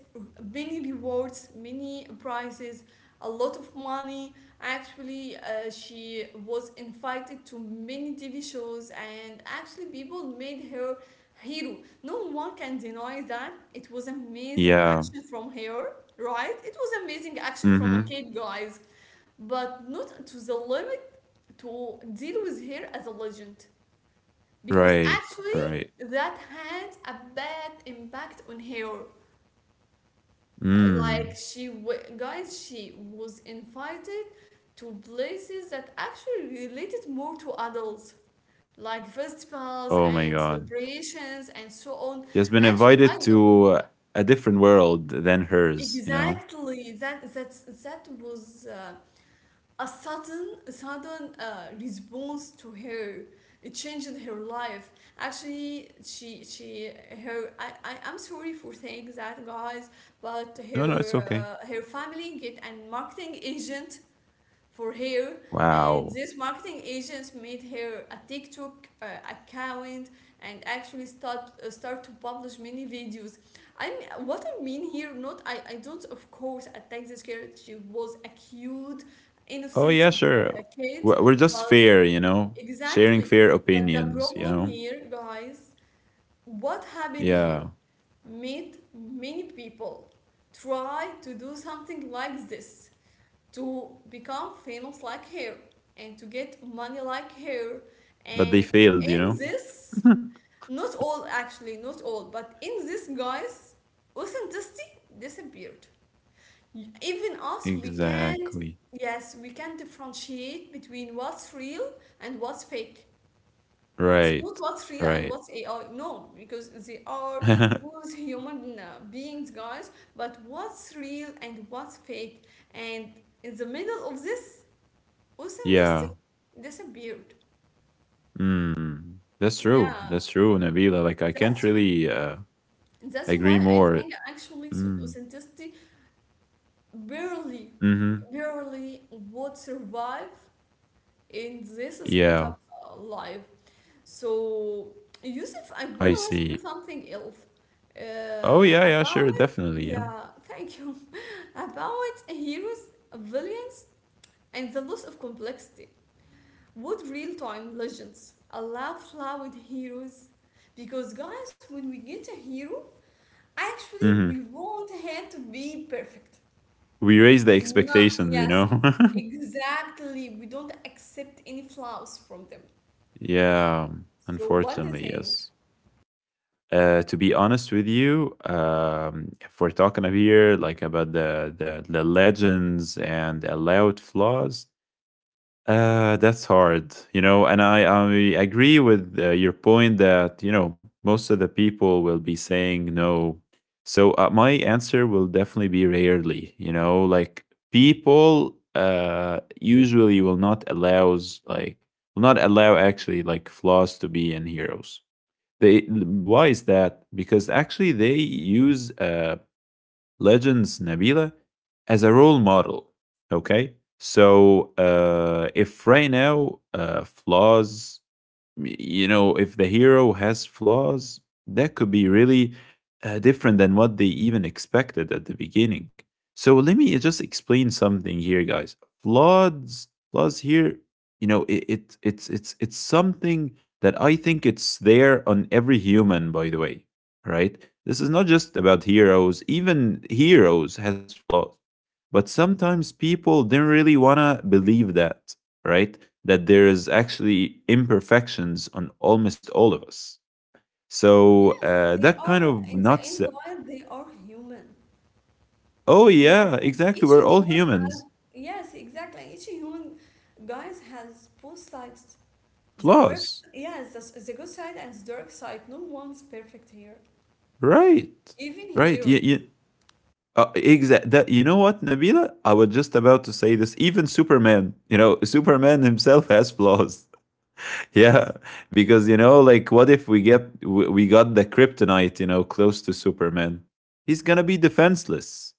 many rewards, many prizes, a lot of money. Actually, she was invited to many TV shows, and actually, people made her hero. No one can deny that it was amazing
Yeah.
action from her, right? It was amazing action from
Mhm.
a kid, guys, but not to the limit to deal with her as a legend, because
Right, right.
actually that had a bad impact on her. Like,
Mm.
guys, she was invited to places that actually related more to adults, like festivals
Oh my
and
god.
celebrations and so on.
She has been
Actually,
invited
I do
to a different world than hers, you know?
exactly that. That that was a sudden response to her. It changed her life. Actually, she her, I, I'm sorry for saying that, guys, but
No,
her
no, it's okay.
her family get a marketing agent for her, and
Wow.
these marketing agents made her a TikTok account, and actually start to publish many videos. I mean, what I mean here, not, I don't of course attack this girl. She was a cute,
Oh, yeah,
innocent
sure.
kid,
We're just
but
fair, you know? Sharing
exactly,
fair
but the
opinions, you
problem
know?
here, guys, what happened here
Yeah.
made many people try to do something like this to become famous like her and to get money like her,
But they
and
failed, you
in
know?
this, not all, actually not all, but in this, guys, authenticity disappeared. Even us, we can't,
Exactly.
yes, we can differentiate between what's real and what's fake. It's not
Right,
what's real and
right.
what's AI. No, because they are both human beings, guys. But what's real and what's fake? And in the middle of this,
Yeah.
authenticity disappeared.
Mm. That's true.
Yeah,
That's true, Nabila. Like, I can't
that's
really
that's
agree
why I
more.
think actually
Mm.
authenticity barely,
Hmm.
barely would survive in this speed up
Yeah,
live. So, Yusuf, I
I
want to ask
see.
you something else
Oh yeah, yeah,
about,
sure, definitely, yeah.
yeah, thank you, about heroes' villains and the loss of complexity. Would real-time legends allow flawed heroes? Because guys, when we get a hero, actually we
Hmm.
want him to be perfect.
We raise the
No,
expectations, you
yes,
know.
exactly. We don't accept any flaws from them.
Yeah,
So what do you
unfortunately,
think?
yes. To be honest with you, if we're talking up here like about the legends and allowed flaws, that's hard, you know, and I agree with your point that, you know, most of the people will be saying no. So my answer will definitely be rarely, you know, like people usually will not will not allow actually like flaws to be in heroes. They, why is that? Because actually they use legends, Nabila, as a role model. Okay. So if right now flaws, you know, if the hero has flaws, that could be really different than what they even expected at the beginning. So let me just explain something here, guys. Flaws here, you know, it it's something that I think it's there on every human, by the way. Right? This is not just about heroes. Even heroes has flaws, but sometimes people didn't really wanna believe that, right? That there is actually imperfections on almost all of us. So
Yes, they
that kind
are
of
in the
not
end, guys, they are human.
oh
Yes,
yeah,
and
exactly.
each
We're all
human has
humans,
yes, exactly. Each human guys has both sides. The perfect
flaws,
yes, the good side and the dark side. No one's perfect here.
right?
Even
Right.
heroes.
That, you know what, Nabila? I was just about to say this. Even Superman, you know, Superman himself has flaws. Yeah. Because you know like what if we get we got the kryptonite, you know, close to Superman, he's gonna be defenseless,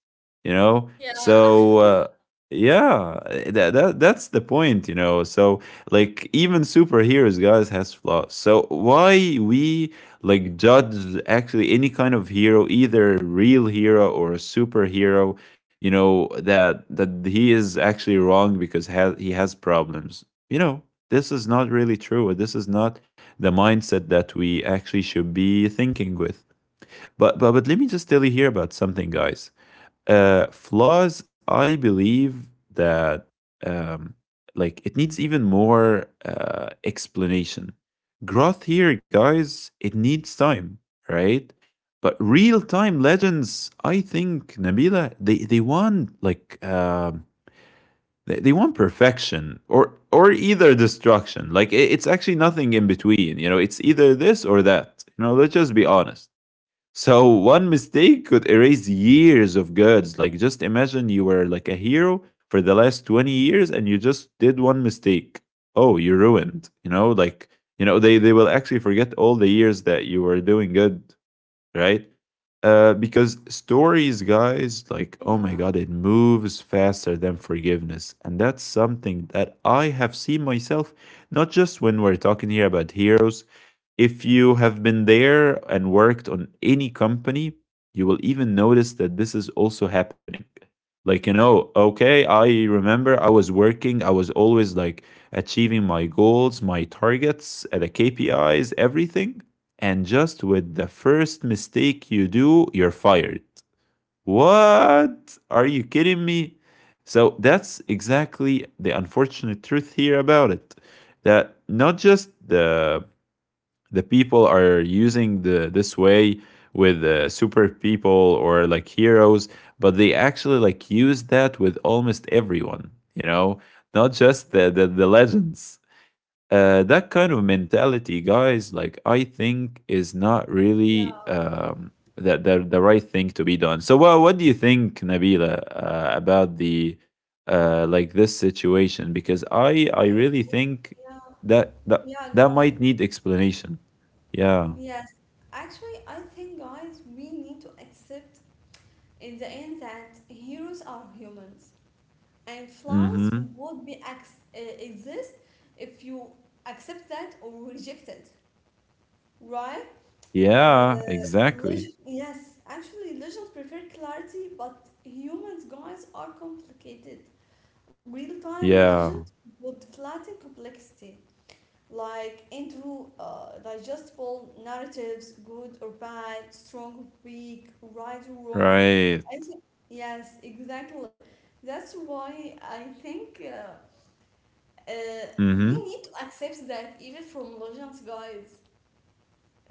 you know.
Yeah.
So yeah, that's the point, you know. So like even superheroes, guys, has flaws. So why we like judge actually any kind of hero, either real hero or a superhero, you know, that he is actually wrong because he has problems, you know. This is not really true. This is not the mindset that we actually should be thinking with. But let me just tell you here about something, guys. Flaws, I believe that um, like it needs even more explanation. Growth here, guys, it needs time, right? But real time legends, I think, Nabila, they want like they want perfection or either destruction. Like it, it's actually nothing in between. You know, it's either this or that. You know, let's just be honest. So one mistake could erase years of goods. Like just imagine you were like a hero for the last 20 years and you just did one mistake. Oh, you're ruined. You know, like you know, they will actually forget all the years that you were doing good, right? Because stories, guys, like, oh my
Yeah.
God, it moves faster than forgiveness. And that's something that I have seen myself, not just when we're talking here about heroes. If you have been there and worked on any company, you will even notice that this is also happening. Like, you know, okay, I remember I was working, I was always like achieving my goals, my targets, the KPIs, everything. And just with the first mistake you do, you're fired. What? Are you kidding me? So that's exactly the unfortunate truth here about it. That not just the people are using the this way with super people or like heroes, but they actually like use that with almost everyone. You know, not just the legends. That kind of mentality, guys, like I think is not
Yeah.
really the, the right thing to be done. So, what do you think, Nabila, about the like this situation? Because I
I think
really think
yeah.
that that
Yeah,
that
go
might
ahead.
need explanation. Yeah.
Yes, actually, I think, guys, we need to accept in the end that heroes are humans and flaws
Mm-hmm.
would be exist if you accept that or reject it, right? Uh,
Yeah. Exactly.
yes, actually, legends prefer clarity, but humans, guys, are complicated. Real time
Yeah.
legends would flatten complexity, like into digestible narratives, good or bad, strong or weak, right or wrong.
Right.
I think yes, exactly. That's why I think uh, we
Mm-hmm.
need to accept that even from legends, guys.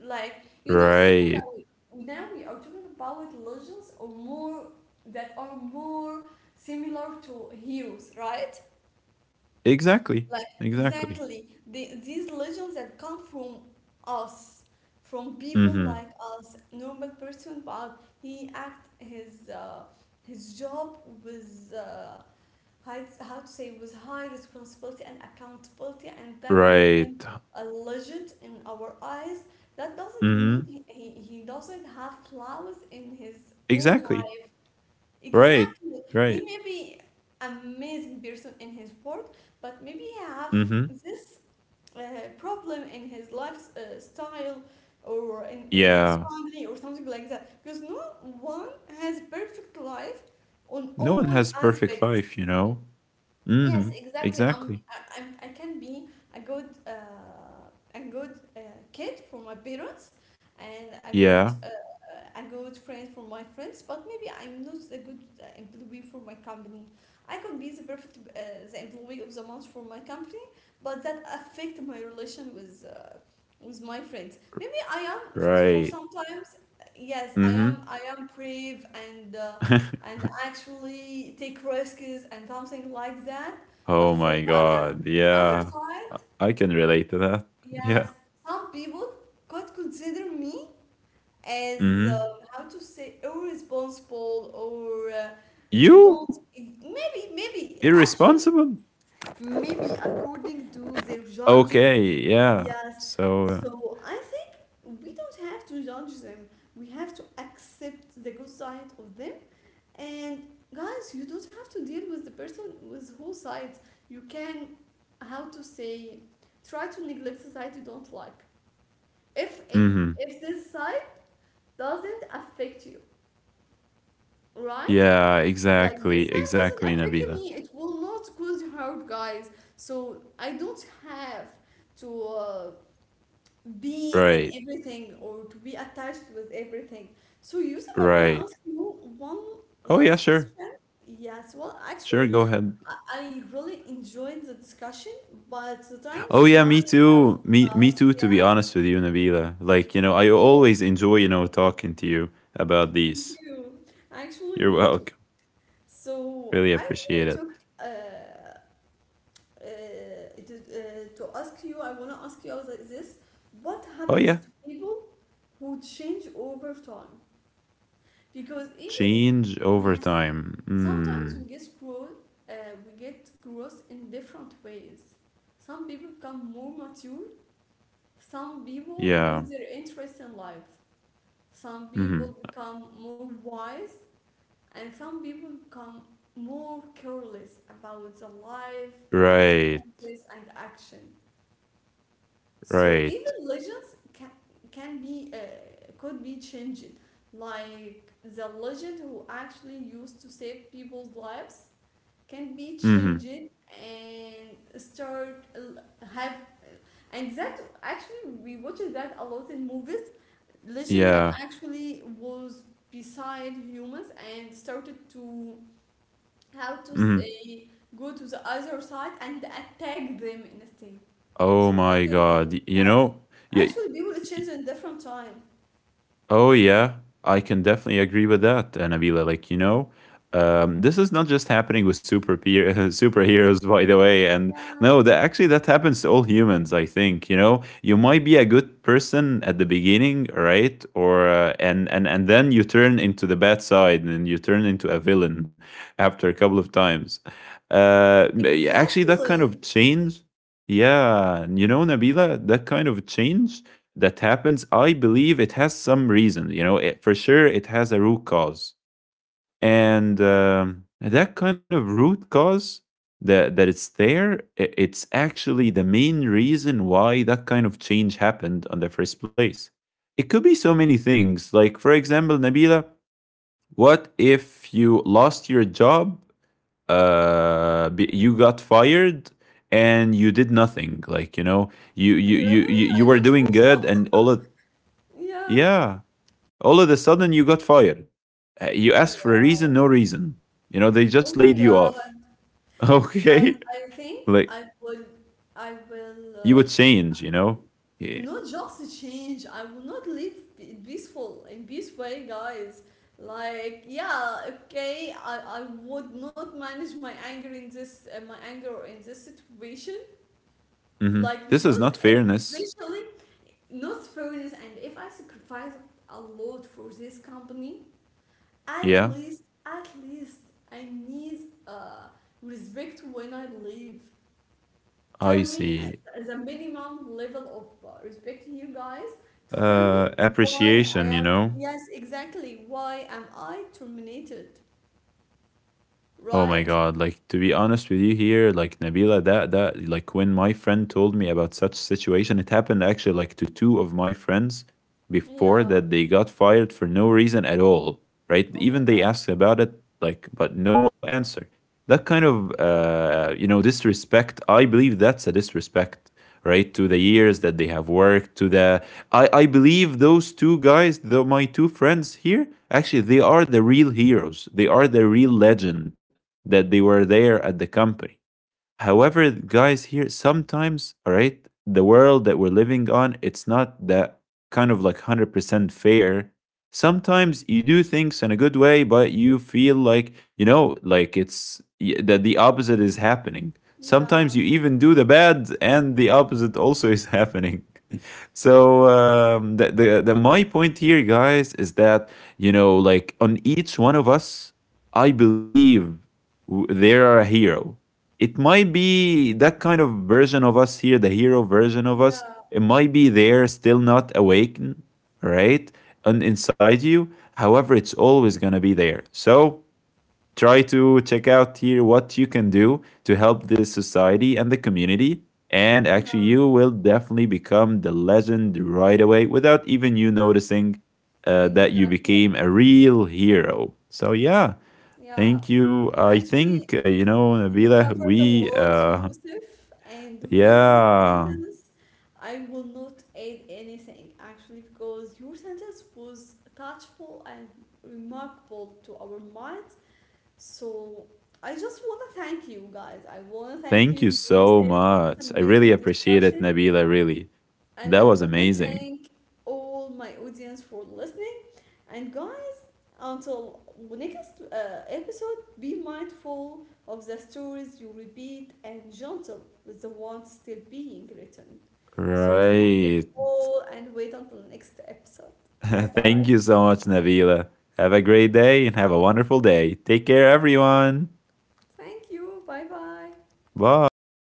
Like you don't talk
Right.
about it. Now we are talking about legends or more that are more similar to heroes, right?
Exactly.
Like
Exactly.
exactly these legends that come from us, from people
Mm-hmm.
like us, normal person, but he act his job with high, how to say, with high responsibility and accountability, and that made him
Right.
a legend in our eyes. That doesn't mean
Mm-hmm.
he doesn't have flaws in his own
Exactly.
life.
Right,
Exactly.
right.
He may be amazing person in his work, but maybe he have
Mhm.
this uh, problem in his life style or in with his
Yeah.
family or something like that. Because no one has perfect life on
No one
all
has perfect
aspects.
life, you know?
Yes,
Mhm.
exactly.
Exactly.
I'm, I can be a a good kid for my parents, and a
Yeah.
a good friend for my friends. But maybe I'm not a good employee for my company. I could be the employee of the month for my company, but that affect my relation with my friends. Maybe I am for
Right.
sometimes. Yes, I am. I
Mhm.
am brave and. And actually take risks and something like that, but
Oh
for
my
other,
god.
in other
Yeah.
side,
I can relate to that.
yes,
Yeah.
some people could consider me as
Mhm.
how to say irresponsible or
You?
don't maybe actually
Irresponsible?
maybe according to their judgment.
Okay, yeah.
Yes.
So, uh,
So I think we don't have to judge them. We have to accept the good side of them. And guys, you don't have to deal with the person with whole sides. You can, how to say, try to neglect the side you don't like. If it,
Mhm.
if this side doesn't affect you, right?
Yeah,
Like this
exactly,
side doesn't
exactly,
affect
Nabila.
me, it will not cause hurt, guys. So I don't have to. Be
Right,
in everything or to be attached with everything. So, Yusuf, I want to
right.
ask you one
Oh yeah,
last
sure.
question. Yes, well,
Sure,
actually,
go ahead.
I really enjoyed the discussion, but the time is
Oh yeah, me
running out
too. Me
of
me
us.
too. To be
Yeah,
honest with you, Nabila, like you know, I
thank you.
always enjoy you know talking to you about
Thank
these.
you. Actually,
You're
me too.
welcome.
So,
Really
I want
appreciate
to
it.
talk. Uh, to ask you, I want to ask you like this: what
Oh
happens
yeah,
to people who change over time? Because even
change over
yes,
time.
sometimes we
Mm,
get grow, uh, we get gross in different ways. Some people become more mature, some people
yeah.
lose their interest in life, some people
Mm-hmm.
become more wise, and some people become more careless about the life,
Right.
consequences, and action. So even
Right.
legends can be could be changed, like the legend who actually used to save people's lives can be changed
Mm-hmm.
and start l- have and that actually we watched that a lot in movies, legends that
Yeah.
actually was beside humans and started to, how to
Mm-hmm.
say, go to the other side and attack them in a state. So
Oh
what
my
do you think?
God. You
Yes,
know. Yeah.
actually people change in different time.
Oh, yeah, I can definitely agree with that, Nabila. Like, you know, this is not just happening with superheroes, by the way. And
Yeah,
no, that actually that happens to all humans. I think you know you might be a good person at the beginning, right? Or And then you turn into the bad side, and you turn into a villain after a couple of times. Uh, Actually, that kind
exactly.
of change, yeah, you know, Nabila, that kind of change that happens, I believe it has some reason. You know, it, for sure, it has a root cause, and that kind of root cause that it's there, it's actually the main reason why that kind of change happened on the first place. It could be so many things. Like, for example, Nabila, what if you lost your job? You got fired and you did nothing. Like, you know,
Really,
you
I
were
don't
doing
hope
good,
so.
and all of
Yeah.
yeah. All of a sudden, you got fired.
Oh
You
my
asked for a
god.
reason, no reason. You know, they just
Oh
laid
my
you
god.
off.
I
Okay.
I think
Like,
I will I will uh,
you would change, you know? Yeah.
not just change. I will not live peaceful in peace way, guys. Like yeah, okay. I would not manage my anger in this my anger in this situation.
Hmm.
Like because
This is not
and
fairness.
especially not fairness. And if I sacrifice a lot for this company, at
Yeah.
least, at least I need uh respect when I leave. Tell
I
me,
see.
as a minimum level of respecting you guys, to tell me why I
Appreciation, you
am,
know?
yes, exactly, why am I terminated,
Oh my
right?
god, like to be honest with you here, like Nabila, that when my friend told me about such situation, it happened actually like to two of my friends before
Yeah,
that they got fired for no reason at all, right?
oh my
Even they
God.
asked about it, like but no answer. That kind of
Yeah,
you know disrespect, I believe that's a disrespect, right? To the
mm-hmm.
years that they have worked, to the I believe those two guys, the my two friends here, actually they are the real heroes. They are the real legend that they were there at the company. However, guys, here sometimes, all right, the world that we're living on, it's not that kind of like 100% fair. Sometimes you do things in a good way, but you feel like, you know, like that the opposite is happening.
Yeah,
Sometimes you even do the bad and the opposite also is happening. So the, the my point here, guys, is that you know, like on each one of us, I believe they are a hero. It might be that kind of version of us here, the hero version of us.
yeah,
It might be there, still not awakened, right? And inside you. However, it's always going to be there. So try to check out here what you can do to help the society and the community. And actually,
yeah,
you will definitely become the legend right away without even you noticing that you
exactly.
became a real hero. So, yeah,
Yeah,
thank you. I
actually,
think, you know,
you
Nabila,
covered a
we,
lot, Yusuf, and with this
yeah,
sentence, I will not add anything actually because your sentence was touchable and remarkable to our minds. So I just want to thank you guys. I want to thank
thank
you,
you so
Yusuf, for this
much. I
amazing
really appreciate it,
discussion,
Nabila, really.
and
That
I
was
want to
amazing.
thank all my audience for listening. And guys, until next episode, be mindful of the stories you repeat and gentle with the ones still being written. So thank you
Right.
all and wait until next episode. Bye
Thank you
bye.
so much, Nabila. Have a great day and have a wonderful day. Take care, everyone.
Thank you. Bye bye.
Bye.